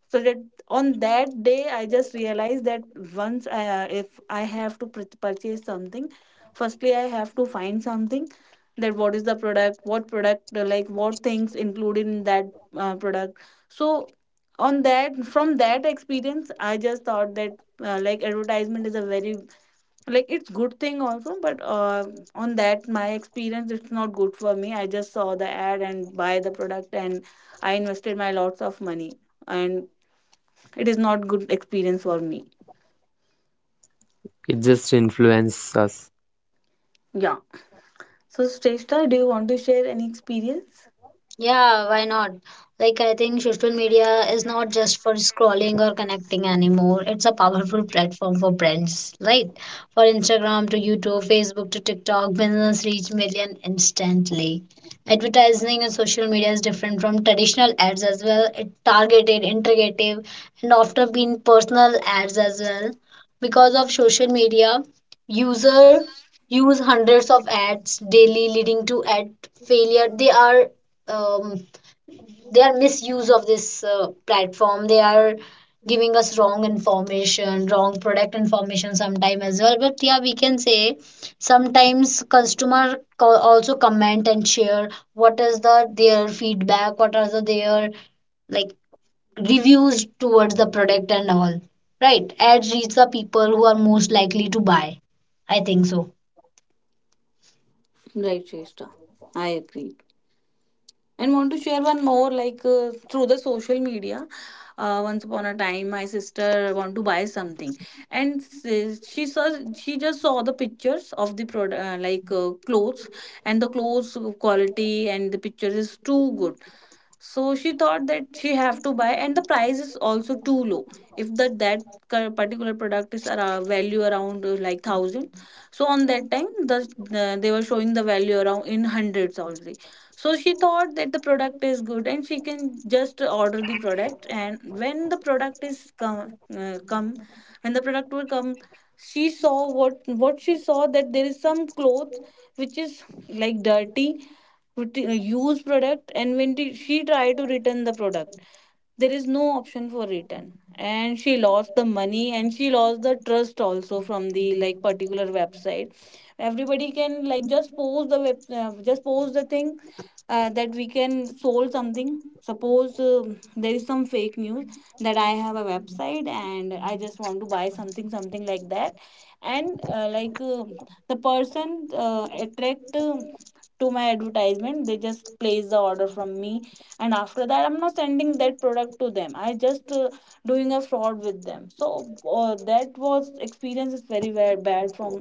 So that on that day I just realized that once if I have to purchase something, firstly I have to find something, that what is the product, what product, like, what things included in that product. So on that, from that experience, I just thought that, like, advertisement is a very, like, it's good thing also. But on that my experience it's not good for me, I just saw the ad and buy the product, and I invested my lots of money, and it is not good experience for me. It just influences us. Yeah. So Shrestha, do you want to share any experience? Yeah, why not? Like, I think social media is not just for scrolling or connecting anymore. It's a powerful platform for brands, right? For Instagram to YouTube, Facebook to TikTok, business reach million instantly. Advertising on social media is different from traditional ads as well. It targeted, integrative, and often been personal ads as well. Because of social media, user use hundreds of ads daily, leading to ad failure. They are um, their misuse of this platform, they are giving us wrong information, wrong product information sometime as well, but yeah we can say sometimes also comment and share what is the their feedback, what are the their like reviews towards the product and all. Right, ads reach the people who are most likely to buy, I think so. Right, Shrestha, I agree. And want to share one more, like, through the social media. Once upon a time, my sister want to buy something, and she saw, she just saw the pictures of the product, clothes, and the clothes quality and the pictures is too good. So she thought that she have to buy, and the price is also too low. If that particular product is around, value around like thousand, so on that time they were showing the value around in hundreds already, so she thought that the product is good and she can just order the product. And when the product is come come when the product will come, she saw what she saw that there is some cloth which is like dirty with the used product. And she tried to return the product, there is no option for return, and she lost the money, and she lost the trust also from the like particular website. Everybody can like just post the web just post the thing that we can solve something. Suppose there is some fake news that I have a website and I just want to buy something like that, and like the person attract to my advertisement. They just place the order from me, and after that I'm not sending that product to them. I just doing a fraud with them. So that was experience is very bad from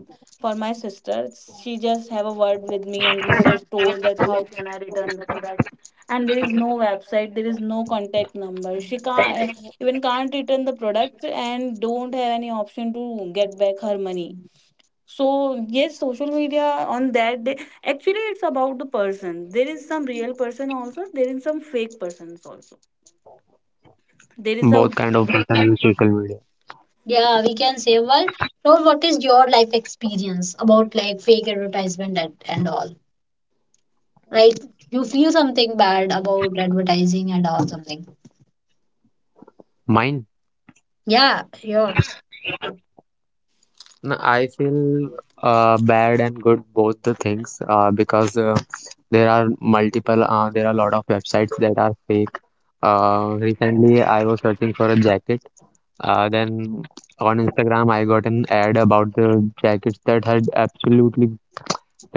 for my sister. She just have a word with me, and we just told that how can I return the product. And there is no website, there is no contact number. She can't eh, even can't return the product and don't have any option to get back her money. So yes, social media on that day, actually it's about the person. There is some real person also, there is some fake persons also. There is Both some kind of people use social media. Yeah, we can say, well, Rohit, what is your life experience about like fake advertisement and all, right? You feel something bad about advertising and all something. Mine. Yeah, yours. No, I feel bad and good both the things because there are a lot of websites that are fake. Recently, I was searching for a jacket. Then on Instagram, I got an ad about the jackets that had absolutely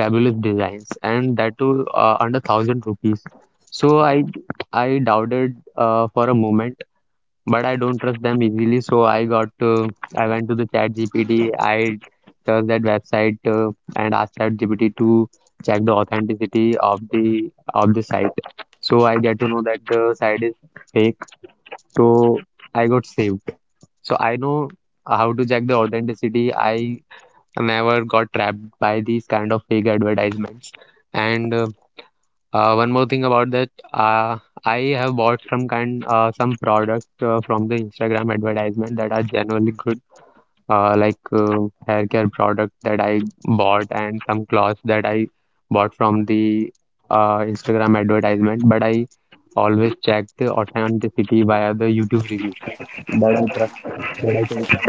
fabulous designs, and that too under thousand rupees. So I doubted for a moment but I don't trust them easily. So I went to the Chat GPT. I searched that website and asked Chat GPT to check the authenticity of the site. So I get to know that the site is fake. So I got saved. So I know how to check the authenticity. I never got trapped by these kind of fake advertisements. And One more thing about that: I have bought some products from the Instagram advertisement that are genuinely good, like hair care product that I bought and some clothes that I bought from the Instagram advertisement. But I always check the authenticity via the YouTube review that I trust, that I can trust.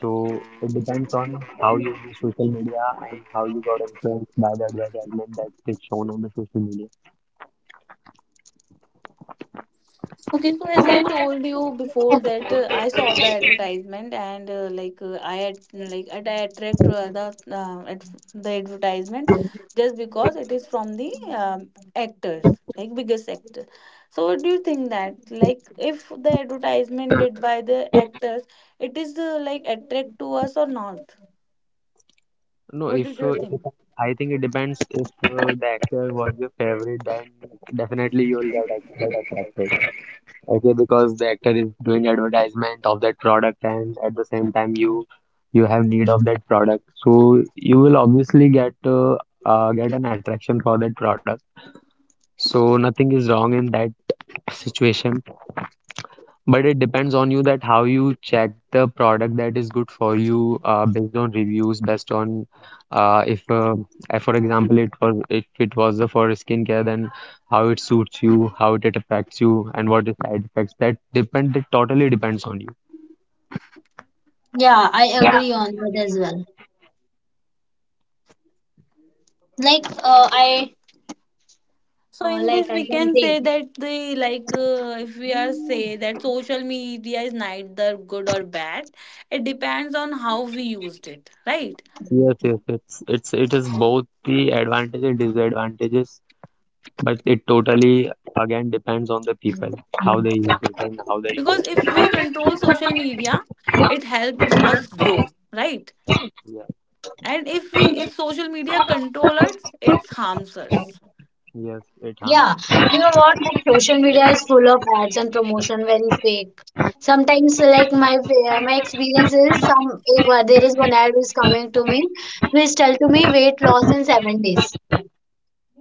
So it depends on how you use social media and how you got influenced by the advertisement that is shown on the social media. okay, so as I told you before that I saw the advertisement and like I had like at I attract the at the advertisement just because it is from the um, actors, like biggest actor. So what do you think that like if the advertisement did by the actors, it is like attract to us or not? No, What if did you it think? depends- I think it depends if the actor was your favorite, then definitely you'll get attracted. Okay, because the actor is doing advertisement of that product, and at the same time you have need of that product, so you will obviously get an attraction for that product. So nothing is wrong in that situation. But it depends on you that how you check the product that is good for you based on reviews, based on if for example it was if it was the for skincare, then how it suits you, how it affects you, and what is side effects. That depend. It totally depends on you. Yeah, I agree on that as well. Like, uh, I So in this I we can can say, say that the like if we are say that social media is neither good or bad, it depends on how we used it, right? Yes, yes, it's it is both the advantages and disadvantages, but it totally again depends on the people how they use it and how they Because if utilize we it. control social media, it helps us grow, right? Yeah, And if social media control us, it harms us. yes, it yeah, harms you us. know what? Like, social media is full of ads and promotion, very fake. Sometimes, like my experience is some if, there is one ad is coming to me, which tell to me weight loss in 7 days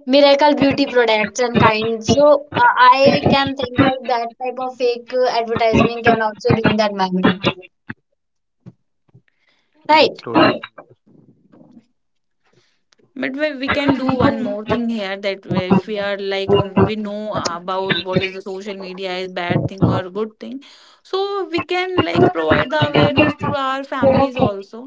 miracle beauty products and kind, so I can think like that type of fake advertising can also do in that moment, That's right? totally But we can do one more thing here that if we are like, we know about what is the social media is bad thing or good thing. So we can like provide the awareness to our families also,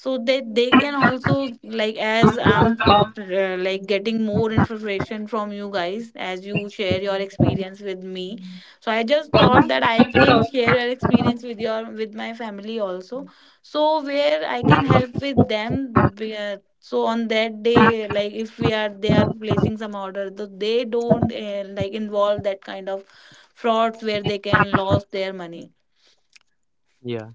so that they can also like, as I'm like getting more information from you guys as you share your experience with me. So I just thought that I can share your experience with your with my family also. So where I can help with them, so on that day, like if we are they are placing some order, though they don't like involve that kind of frauds where they can lose their money. yeah.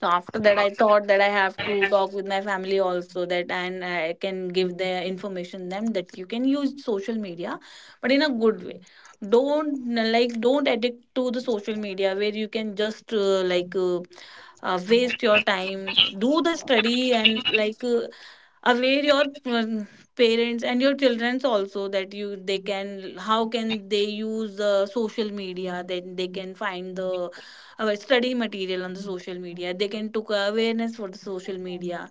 So after that I thought that I have to talk with my family also, that and I can give the information them that you can use social media but in a good way. Don't like don't addict to the social media where you can just waste your time, do the study and like aware your parents and your children's also, that you they can how can they use the social media, then they can find the study material on the social media. They can took awareness for the social media,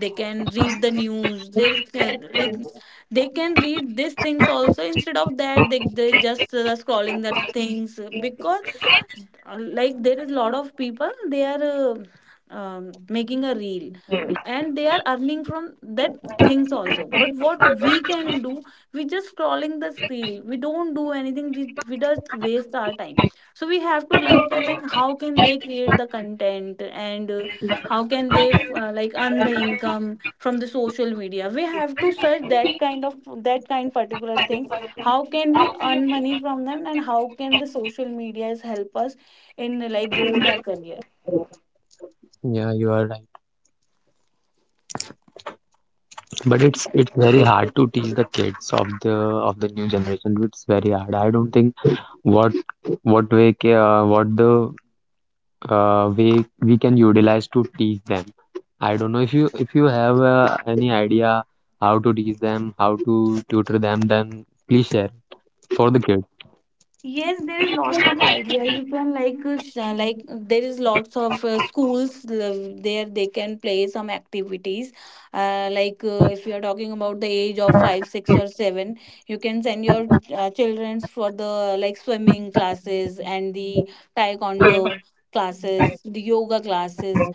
they can read the news. There is like they can read these things also, instead of that they just scrolling that things, because like there is lot of people, they are making a reel and they are earning from that things also. But what we can do, we just scrolling the screen, we don't do anything, we just waste our time. So we have to learn that thing how can they create the content, and how can they like earn the income from the social media. We have to search that kind of that kind particular thing, how can we earn money from them, and how can the social medias help us in like growth our career. Yeah, you are right. But it's very hard to teach the kids of the new generation. It's very hard. I don't think what what way ca- what the way we can utilize to teach them. I don't know if you have any idea how to teach them, how to tutor them, then please share for the kids. Yes, there is lots of idea. You can like there is lots of schools there they can play some activities. Like if you are talking about the age of five, six, or seven, you can send your children for the like swimming classes and the taekwondo classes, the yoga classes.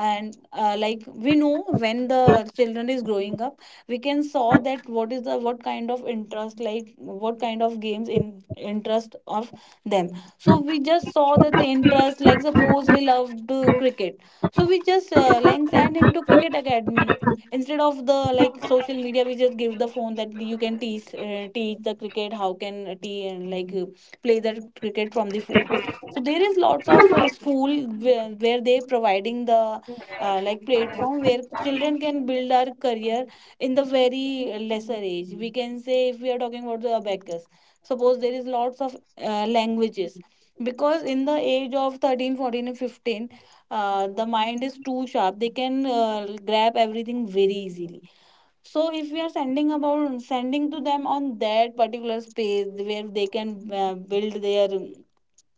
And like we know when the children is growing up, we can saw that what is the what kind of interest, like what kind of games in interest of them. So we just saw that the interest, like suppose he loved cricket, so we just like send him to cricket academy instead of the like social media. We just give the phone that you can teach the cricket, how can te- and like play the cricket from the phone. So there is lots of school where they providing the like platform where children can build our career in the very lesser age. We can say if we are talking about the abacus, suppose there is lots of languages. Because in the age of 13, 14, and 15, the mind is too sharp, they can grab everything very easily. So if we are sending about sending to them on that particular space where they can build their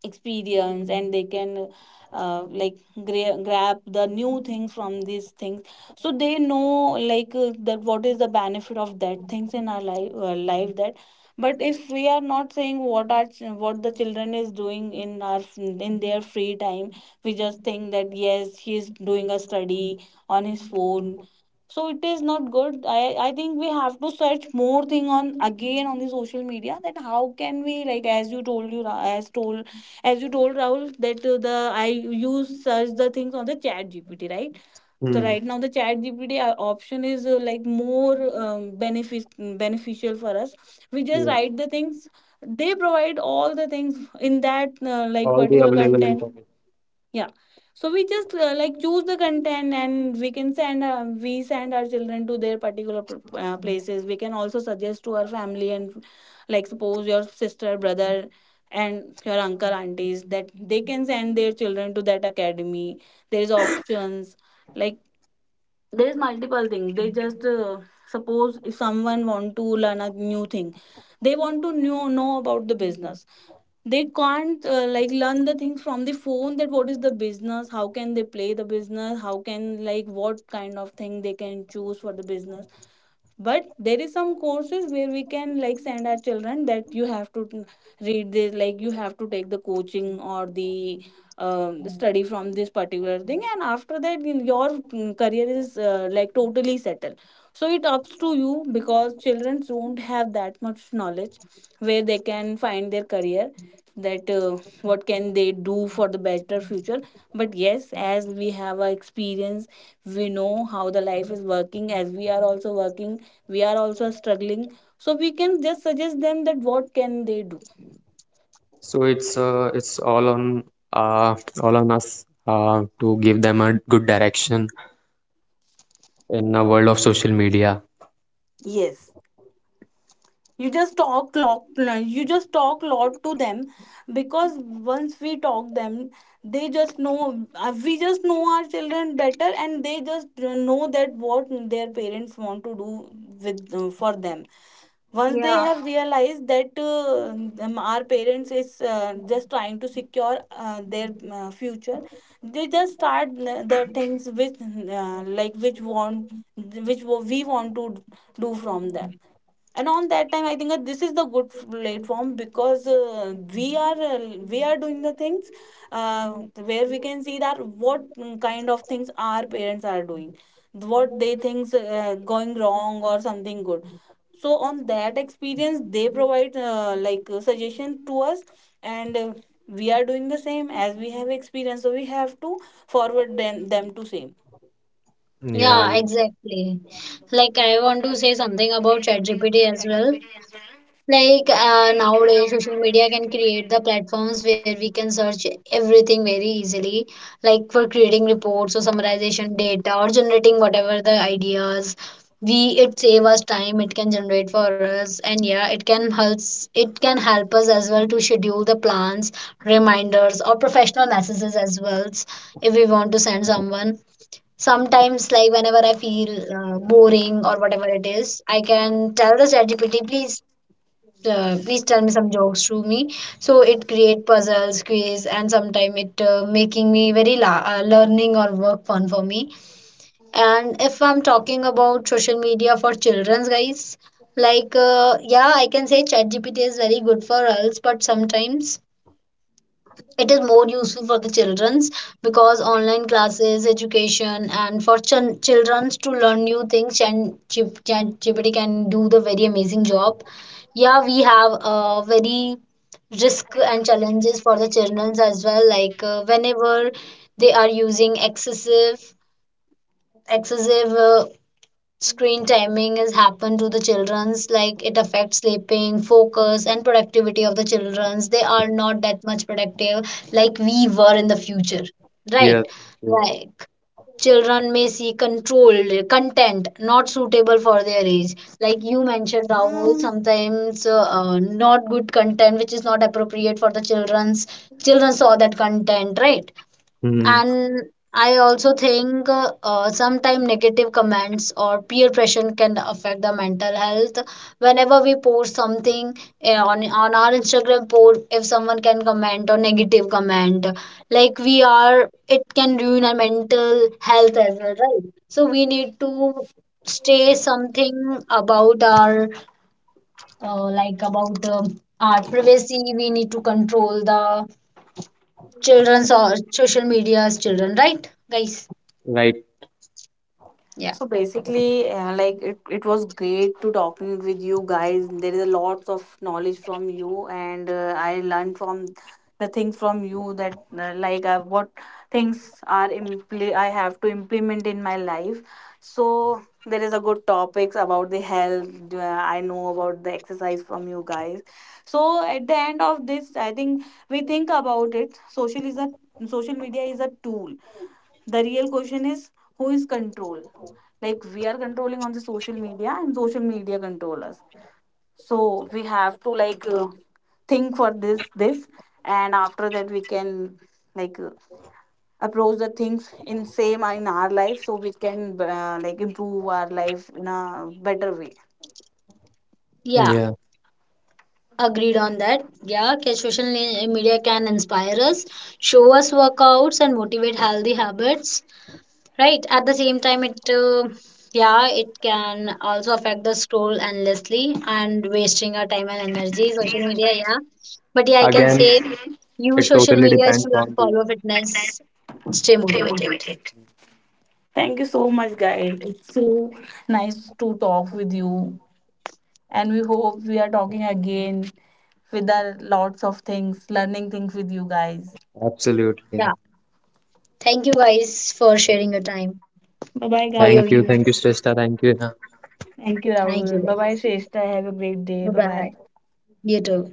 experience, and they can uh, like grab the new things from these things, so they know like that what is the benefit of that things in our life that. But if we are not saying what our what the children is doing in our in their free time, we just think that yes, he is doing a study on his phone, so it is not good. I think we have to search more thing on again on the social media, that how can we, like as you told you Ra- as told as you told Rahul that the I use search the things on the Chat GPT, right? So Hmm. right now the Chat GPT option is like more benefit beneficial for us. We just Yeah, write the things. They provide all the things in that like all the particular available content. information. Yeah, so we just like choose the content and we can send we send our children to their particular places. We can also suggest to our family and like suppose your sister brother and your uncle aunties that they can send their children to that academy. There is options like there is multiple things. They just suppose if someone want to learn a new thing, they want to know about the business. They can't like learn the things from the phone, that what is the business, how can they play the business, how can like what kind of thing they can choose for the business. But there is some courses where we can like send our children that you have to read this, like you have to take the coaching or the study from this particular thing. And after that your career is like totally settled. So it ups to you, because children don't have that much knowledge where they can find their career, that what can they do for the better future. But yes, as we have a experience, we know how the life is working, as we are also working, we are also struggling. So we can just suggest them that what can they do. So it's uh, all on us to give them a good direction in a world of social media. Yes, you just talk lot, you just talk lot to them. Because once we talk them, they just know we just know our children better, and they just know that what their parents want to do with for them. Once they Yeah. have realized that our parents is just trying to secure their future, they just start the things which like which want which we want to do from them. And on that time I think that this is the good platform, because we are doing the things uh, where we can see that what kind of things our parents are doing, what they thinks going wrong or something good. So on that experience they provide suggestion to us. And we are doing the same, as we have experience, so we have to forward them to same. Yeah Yeah, yeah, exactly, like I want to say something about ChatGPT as well. Like nowadays, social media can create the platforms where we can search everything very easily, like for creating reports or summarization data or generating whatever the ideas. We it save us time. It can generate for us, and yeah, it can helps. It can help us as well to schedule the plans, reminders, or professional messages as well if we want to send someone. Sometimes like whenever I feel boring or whatever it is, I can tell the ChatGPT please please tell me some jokes to me. So it create puzzles quiz and sometime it making me very la- learning or work fun for me. And if I'm talking about social media for children's guys, like yeah I can say ChatGPT is very good for us, but sometimes it is more useful for the children's because online classes education and for ch children's to learn new things, and ChatGPT can do the very amazing job. Yeah, we have a very risk and challenges for the childrens as well, like whenever they are using excessive screen timing has happened to the children's, like it affects sleeping focus and productivity of the children's, they are not that much productive like we were in the future, yeah, right? yeah. Like children may see controlled content not suitable for their age, like you mentioned Rahul, sometimes not good content which is not appropriate for the children's, children saw that content, right? Hmm. And I also think sometimes negative comments or peer pressure can affect the mental health whenever we post something, on our Instagram post, if someone can comment or negative comment, like we are, it can ruin our mental health as well, right? So we need to stay something about our like about our privacy, we need to control the children's or social media's children, right guys? Right. Yeah, So basically, it was great to talking with you guys. There is a lot of knowledge from you, and I learned from the things from you that what things are I have to implement in my life. So there is a good topics about the health. I know about the exercise from you guys. So at the end of this, I think we think about it. Social media is a tool. The real question is who is control, like we are controlling on the social media and social media control us. So we have to like think for this and after that we can like uh, approach the things in same in our life, so we can like improve our life in a better way. yeah, Yeah. agreed on that. Yeah, social media can inspire us, show us workouts, and motivate healthy habits. Right. At the same time, it can also affect the scroll endlessly and wasting our time and energy. Social media, yeah. But yeah, I can Again, say use it social totally media is depends to learn, on the follow fitness, stay motivated. Thank you so much guys, it's so nice to talk with you, and we hope we are talking again with our lots of things learning things with you guys. absolutely. Yeah. Hina. Thank you guys for sharing your time, Bye for bye your guys. Views. Thank you, Shrestha. Thank you, Hina. Thank you, Thank you Rahul. Bye bye, guys. Shrestha. Have a great Bye day. Bye bye. bye. You too.